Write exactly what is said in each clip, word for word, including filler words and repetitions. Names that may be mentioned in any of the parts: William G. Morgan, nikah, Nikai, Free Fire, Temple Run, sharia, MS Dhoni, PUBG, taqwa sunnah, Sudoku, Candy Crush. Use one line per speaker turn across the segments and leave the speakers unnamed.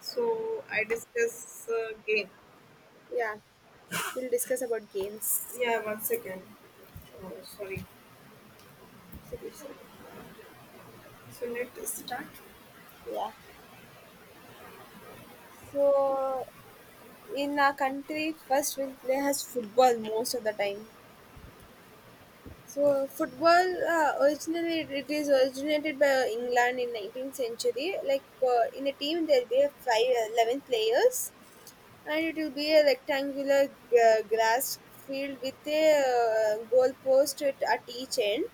So I discuss uh, game.
Yeah, we'll discuss about games.
Yeah, one second. Oh,
Okay,
sorry.
sit, sit.
So let's start.
Yeah. So in our country, first we'll play has football most of the time. So football uh, originally it is originated by England in nineteenth century. Like, uh, in a team there'll be a five, eleven players, and it will be a rectangular g- grass field with a uh, goal post at, at each end,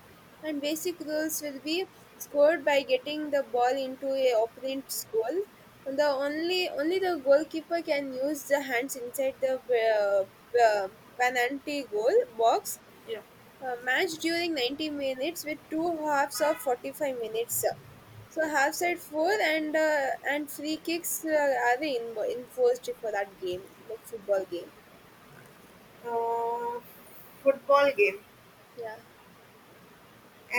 and basic rules will be scored by getting the ball into a opponent's goal, and the only only the goalkeeper can use the hands inside the uh, p- penalty goal box. A match during ninety minutes with two halves of forty-five minutes. So half side four, and uh, and free kicks uh, are in, enforced for that game, like football game.
Uh, Football game.
Yeah.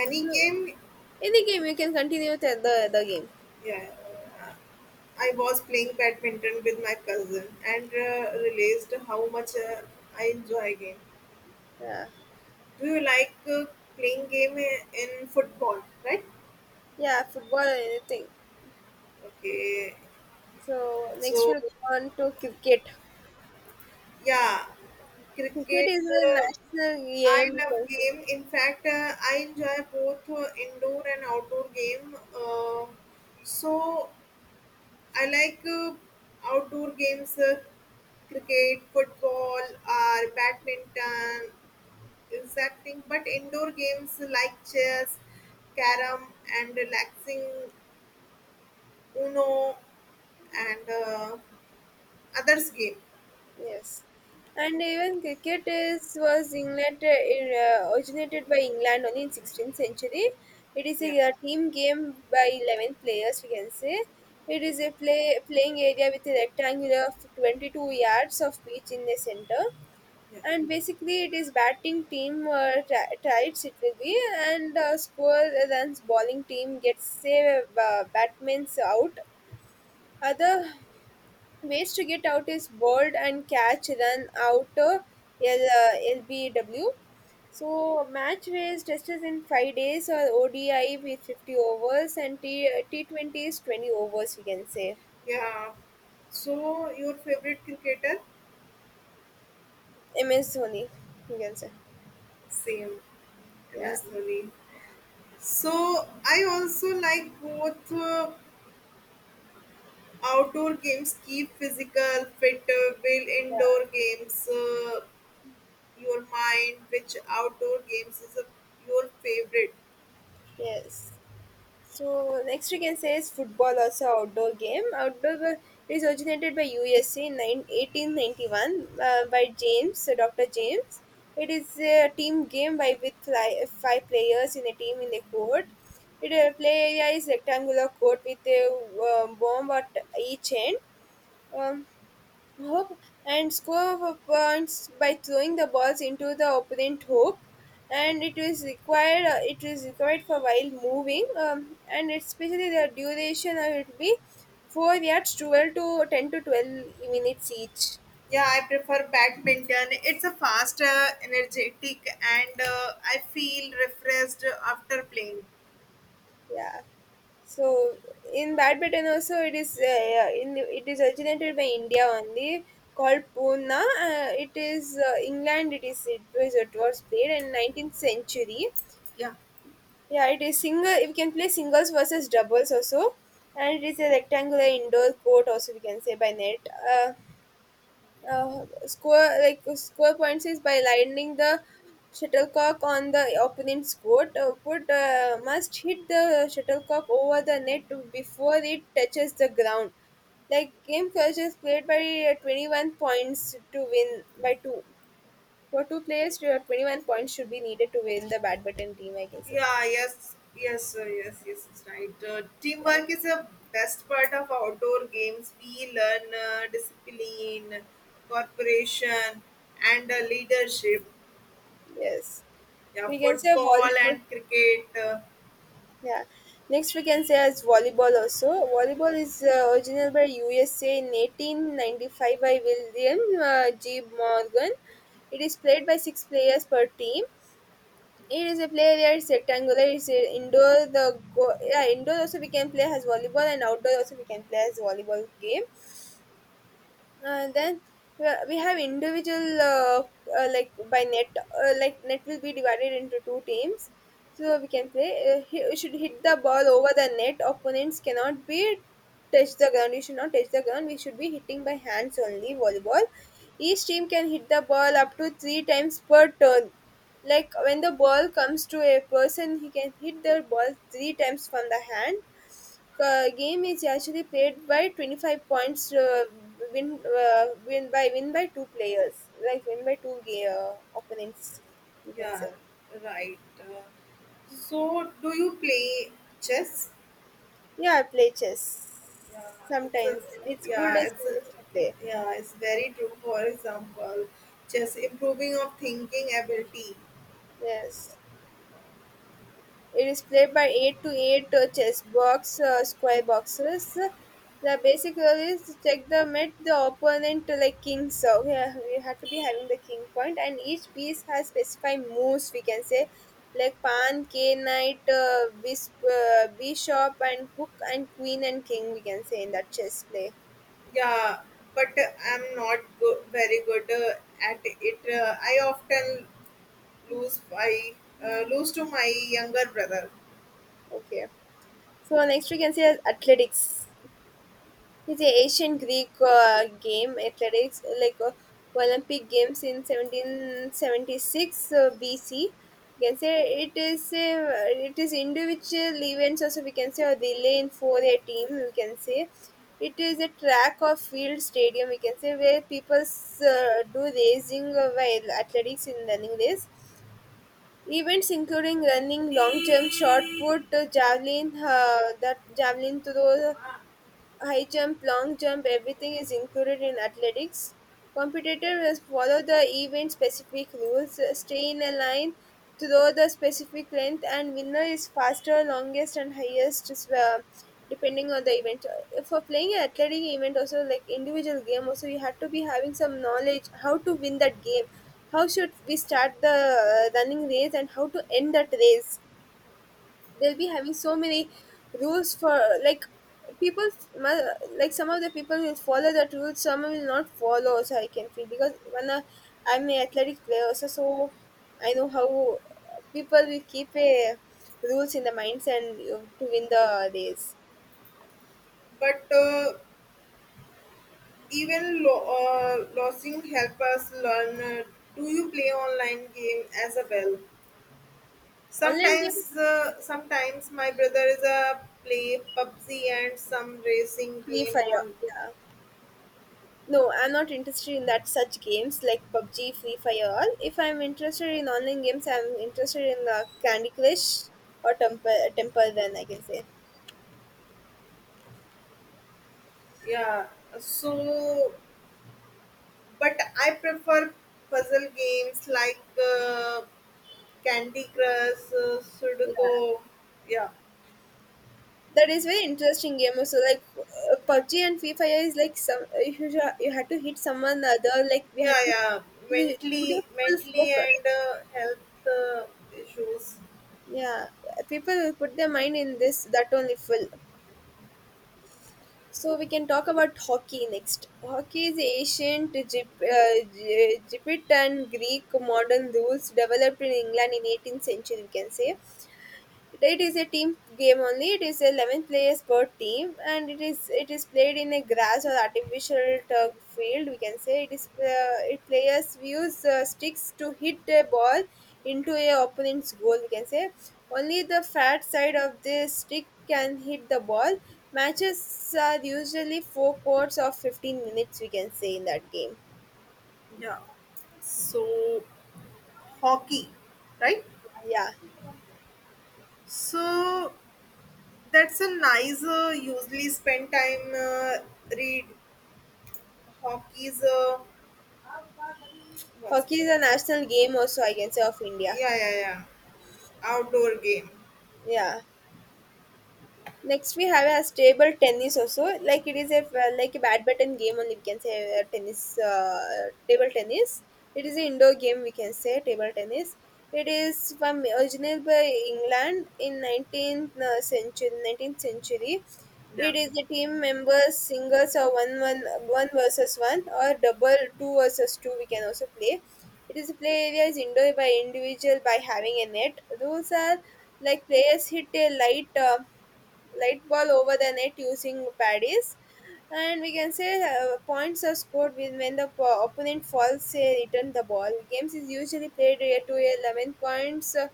So
game.
any game you can continue the the, the game.
Yeah. Uh, I was playing badminton with my cousin and uh, realized how much uh, I enjoy game.
Yeah.
Do you like uh, playing game i- in football, right?
Yeah, football or anything.
Okay.
So next
So
we'll go on to cricket.
yeah,
Cricket
cricket.
is a
Uh,
national
I
game, you
love
can say.
game. In fact, uh, I enjoy both uh, indoor and outdoor game. Uh, so I like uh, outdoor games, uh, cricket, football, or badminton, exacting. But indoor games like chess, carom, and relaxing Uno, and uh, others game.
Yes, and even cricket is was England, uh, originated by England only in sixteenth century. It is
Yeah,
a uh, team game by eleven players. We can say it is a play playing area with a rectangular of twenty-two yards of pitch in the center,
yeah.
and basically it is batting team, uh, tri- tries it will be, and uh, score runs. Bowling team gets, say, uh, batsman's out. Other ways to get out is bowled and catch, run out, uh, L, uh, L B W. So match ways testers in five days or O D I with fifty overs, and T, T20 is twenty overs, we can say.
Yeah. So your favorite cricketer?
M S Dhoni, we can say.
Same.
Yeah.
M S Dhoni. So I also like both uh, outdoor games keep physical fit uh, will indoor
Yeah.
games uh, your mind, which outdoor games is a, your favorite.
Yes. So next we can say is football also outdoor game. Outdoor, uh, it is originated by U S A in nine eighteen ninety-one, uh, by James, uh, Doctor James. It is a team game by with fly, five players in a team in a court. It, uh, play area is rectangular court with a um, bomb at each end. Um, hoop and score points by throwing the balls into the opponent hoop, and it is required uh, it is required for while moving, um, and especially the duration, uh, it will be four yards, twelve to ten to twelve minutes each.
Yeah, I prefer badminton. It's a fast, uh, energetic, and uh, I feel refreshed after playing.
Yeah, so in badminton also it is, uh, yeah, in it is originated by India only, called Puna. Uh, it is, uh, England. It is it was it was played in nineteenth century.
Yeah.
Yeah, it is single. We can play singles versus doubles also, and it is a rectangular indoor court also, we can say, by net. Uh, uh, score like score points is by landing the shuttlecock on the opponent's court. Uh, put uh, must hit the shuttlecock over the net before it touches the ground. Like game culture is played by uh, twenty-one points to win by two. For two players, uh, twenty-one points should be needed to win the badminton team, I can say.
Yeah, yes, yes, sir, yes, yes, it's right. Uh,
Yeah.
teamwork is a best part of outdoor games. We learn uh, discipline, cooperation, and uh, leadership.
Yes,
Yeah,
we can say
football
volleyball.
and cricket. Uh,
Yeah. Next, we can say as volleyball also. Volleyball is uh, original by U S A in eighteen ninety-five by William, uh, G. Morgan. It is played by six players per team. It is a play where it's rectangular. It's a indoor. The go- yeah, indoor also we can play as volleyball, and outdoor also we can play as volleyball game. And then we are- we have individual, uh, uh, like by net, uh, like net will be divided into two teams. So we can play, uh, he you should hit the ball over the net. Opponents cannot be touch the ground. You should not touch the ground. We should be hitting by hands only, volleyball. Each team can hit the ball up to three times per turn, like when the ball comes to a person, he can hit the ball three times from the hand. The game is actually played by twenty-five points, uh, win uh, win by win by two players, like win by two ga- uh, opponents, we can say.
yeah, right. Uh, so, do you play chess?
Yeah, I play chess
Yeah, it's a
sometimes. It's cool
yeah,
as
it's
we
a
used to play.
yeah, it's very true. For example, chess improving of thinking ability.
Yes, it is played by eight to eight uh, chess box, uh, square boxes. The basic rule is to check the mate the opponent, uh, like king. So yeah, we have to be having the king point, and each piece has specified moves, we can say. Like pawn, k knight, uh, bis- uh, bishop, and hook, and queen and king, we can say, in that chess play.
Yeah, but uh, I'm not go- very good uh, at it. Uh, I often lose by uh, lose to my younger brother.
Okay. So next we can say as athletics. It's a ancient Greek uh, game athletics, like uh, Olympic Games in seventeen seventy-six uh, B C, we can say. It is uh, it is individual events also, we can say, a relay in for a team, we can say. It is a track or field stadium, we can say, where people uh, do racing, uh, while athletics in running race events, including running, long jump, shot put, uh, javelin uh, the javelin throw. High jump, long jump, everything is included in athletics. Competitors must follow the event specific rules, stay in a line, to throw the specific length, and winner is faster, longest, and highest, is, uh, depending on the event. Uh, For playing an athletic event, also like individual game, also you have to be having some knowledge how to win that game. How should we start the uh, running race, and how to end that race? They'll be having so many rules, for like people, mu- like some of the people will follow that rule, some will not follow. So I can feel, because when I, I'm an athletic player also. So I know how people will keep a rules in the minds, and uh, to win the race.
But uh, even lo- uh, losing help us learn. Uh, do you play online game as well?
Online game,
Sometimes, uh, sometimes my brother is a play pub g and some racing
Free
game
Fire,
on.
yeah. No, I'm not interested in that such games like PUBG, Free Fire, all. If I'm interested in online games, I'm interested in uh, Candy Crush or temple Temple Run, I can say.
Yeah, so but I prefer puzzle games like. Uh, Candy Crush, uh,
Yeah,
Sudoku, yeah,
that is very interesting game. So like uh, PUBG and Free Fire is like some. If you should- you had to hit someone other, like we had
yeah,
to,
yeah.
you put your
Mentally,
full
mentally,
focus.
and uh, health uh, issues.
Yeah, people will put their mind in this that only full. So we can talk about hockey next. Hockey is ancient Egypt, uh, Egypt and Greek modern rules developed in England in eighteenth century, we can say. It is a team game only. It is eleven players per team, and it is it is played in a grass or artificial turf field, we can say. It is, uh, it players use uh, sticks to hit a ball into a opponent's goal, we can say. Only the fat side of the stick can hit the ball. Matches are usually four quarts of fifteen minutes, we can say, in that game.
Yeah. So hockey, right?
Yeah,
So that's a nice. Uh, usually spend time uh, read hockey's. Uh, one
hockey
second.
is a national game also, I can say, of India.
Yeah, yeah, yeah. Outdoor game.
Yeah. Next we have a table tennis also. Like it is a, well, like a badminton game only, we can say, uh, tennis uh, table tennis. It is an indoor game, we can say, table tennis. It is from original by England in nineteenth uh, century nineteenth century.
Yeah.
It is a team members, singles or one one one versus one, or double two versus two, we can also play. It is play area is indoor by individual, by having a net. Rules are like players hit a light uh, light ball over the net using paddies, and we can say uh, points are scored when, when the po- opponent falls, say, return the ball. Games is usually played, uh, to eleven points, uh,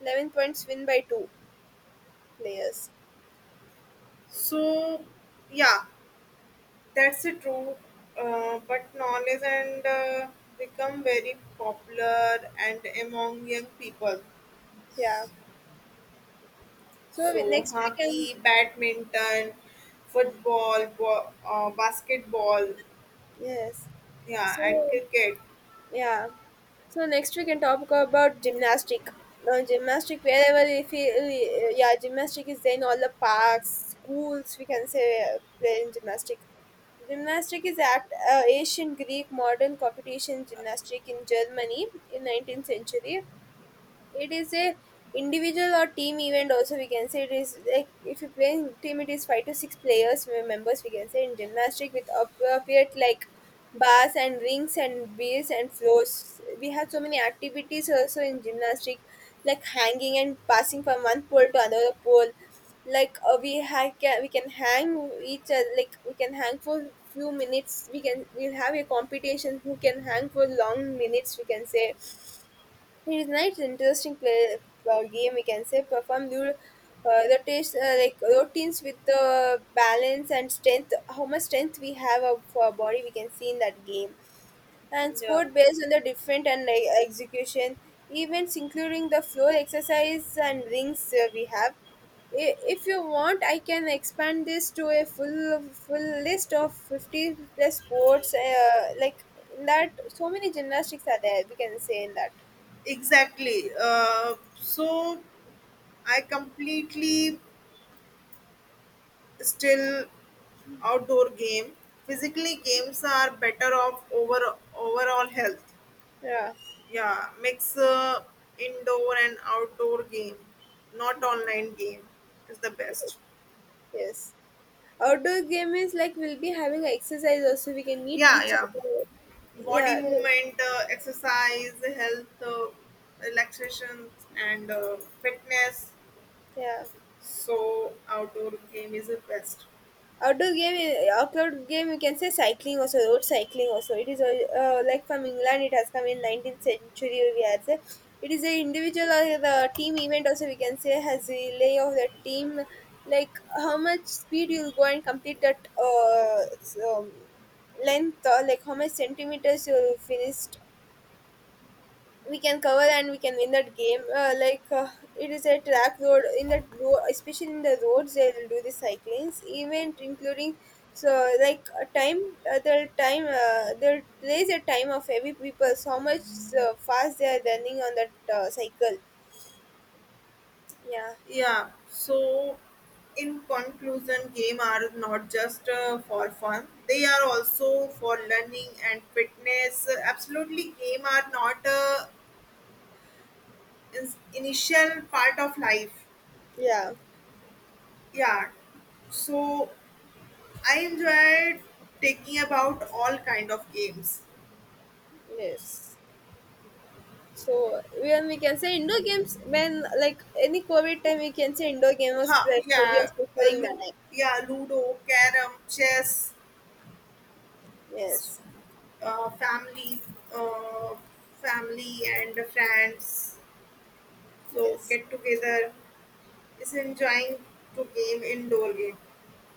eleven points, win by two players.
So yeah, that's the true, uh, but knowledge and uh, become very popular and among young people.
Yeah, so we-
So
next we can,
hockey, badminton, football, bo- uh, basketball,
yes,
yeah,
so
and cricket.
yeah. So next we can talk about gymnastic. Now gymnastic, wherever, if we, we- yeah, gymnastic is there in all the parks, schools, we can say, uh, play in gymnastic. Gymnastic is act uh, Asian Greek modern competition gymnastic in Germany in nineteenth century. It is a individual or team event also, we can say. It is like if you play in team, it is five to six players, uh, members, we can say, in gymnastic with appropriate, like, bars and rings and beers and floors. We have so many activities also in gymnastic, like hanging and passing from one pole to another pole. Like, uh, we ha- can we can hang each other, like we can hang for few minutes. We can we'll have a competition, who can hang for long minutes, we can say. It is nice, interesting play or game, we can say. Perform the uh, the taste, uh, like routines, with the balance and strength. How much strength we have of our body, we can see in that game. And
Yeah.
scored based on the different and, like, execution events, including the floor exercise and rings, uh, we have. I- If you want, I can expand this to a full full list of fifty plus sports. Uh, like in that, so many gymnastics are there, we can say in that.
Exactly. Uh, so I completely still outdoor game. Physically, games are better off over overall health.
Yeah.
Yeah, mix uh, indoor and outdoor game, not online game, is the best.
Yes. Outdoor game is like we'll be having a exercise also. We can meet
Yeah,
each other.
yeah. Body
Yeah, we-
movement, uh, exercise, health, uh, relaxation, and uh, fitness.
yeah.
So outdoor game is the best.
Outdoor game, i- outdoor game, you can say cycling also, road cycling also. It is al- uh, like from England. It has come in nineteenth century, we have say. It is a individual or the team event also, we can say, has relay of the team. Like how much speed you'll go and complete that uh, s- um, length, or like how much centimeters you finished, we can cover, and we can win that game. Uh, like, uh, it is a track road in that road, especially in the roads they will do the cyclings event, including, so like a time, uh, they'll time uh, they'll place a time of every people, how much uh, fast they are running on that uh, cycle. Yeah,
Yeah. So, in conclusion, game are not just uh, for fun; they are also for learning and fitness. Absolutely, game are not uh, is initial part of life.
yeah,
Yeah, so I enjoyed taking about all kind of games.
yes. So when we can say indoor games, when like any COVID time, we can say indoor game was
Huh,
pre-
yeah,
previous
uh,
preferring that
lu-
time.
yeah, ludo, carom, chess, s-
Yes,
uh, family, uh, family and friends, so
yes,
get together is enjoying to game indoor game,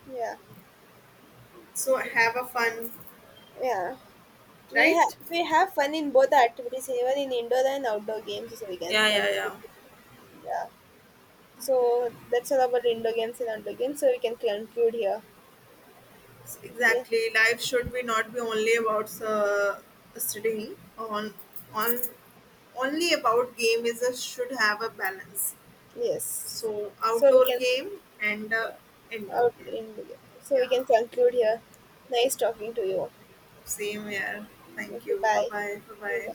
yeah,
so have a fun,
yeah. We have
right.
we have fun in both the activities, even in indoor and outdoor games also we can
Yeah,
come.
yeah, yeah.
Yeah. So that's all about indoor games and outdoor games. So we can conclude here. Okay.
Exactly. Life should be not be only about uh, studying on on only about game is a should have a balance.
Yes.
So
So we
outdoor
can
game and uh, indoor
out
game.
in, so we
Yeah,
can conclude here. Nice talking to you.
same here. Thank
Okay,
you. Bye
bye.
bye. Bye bye.
Bye.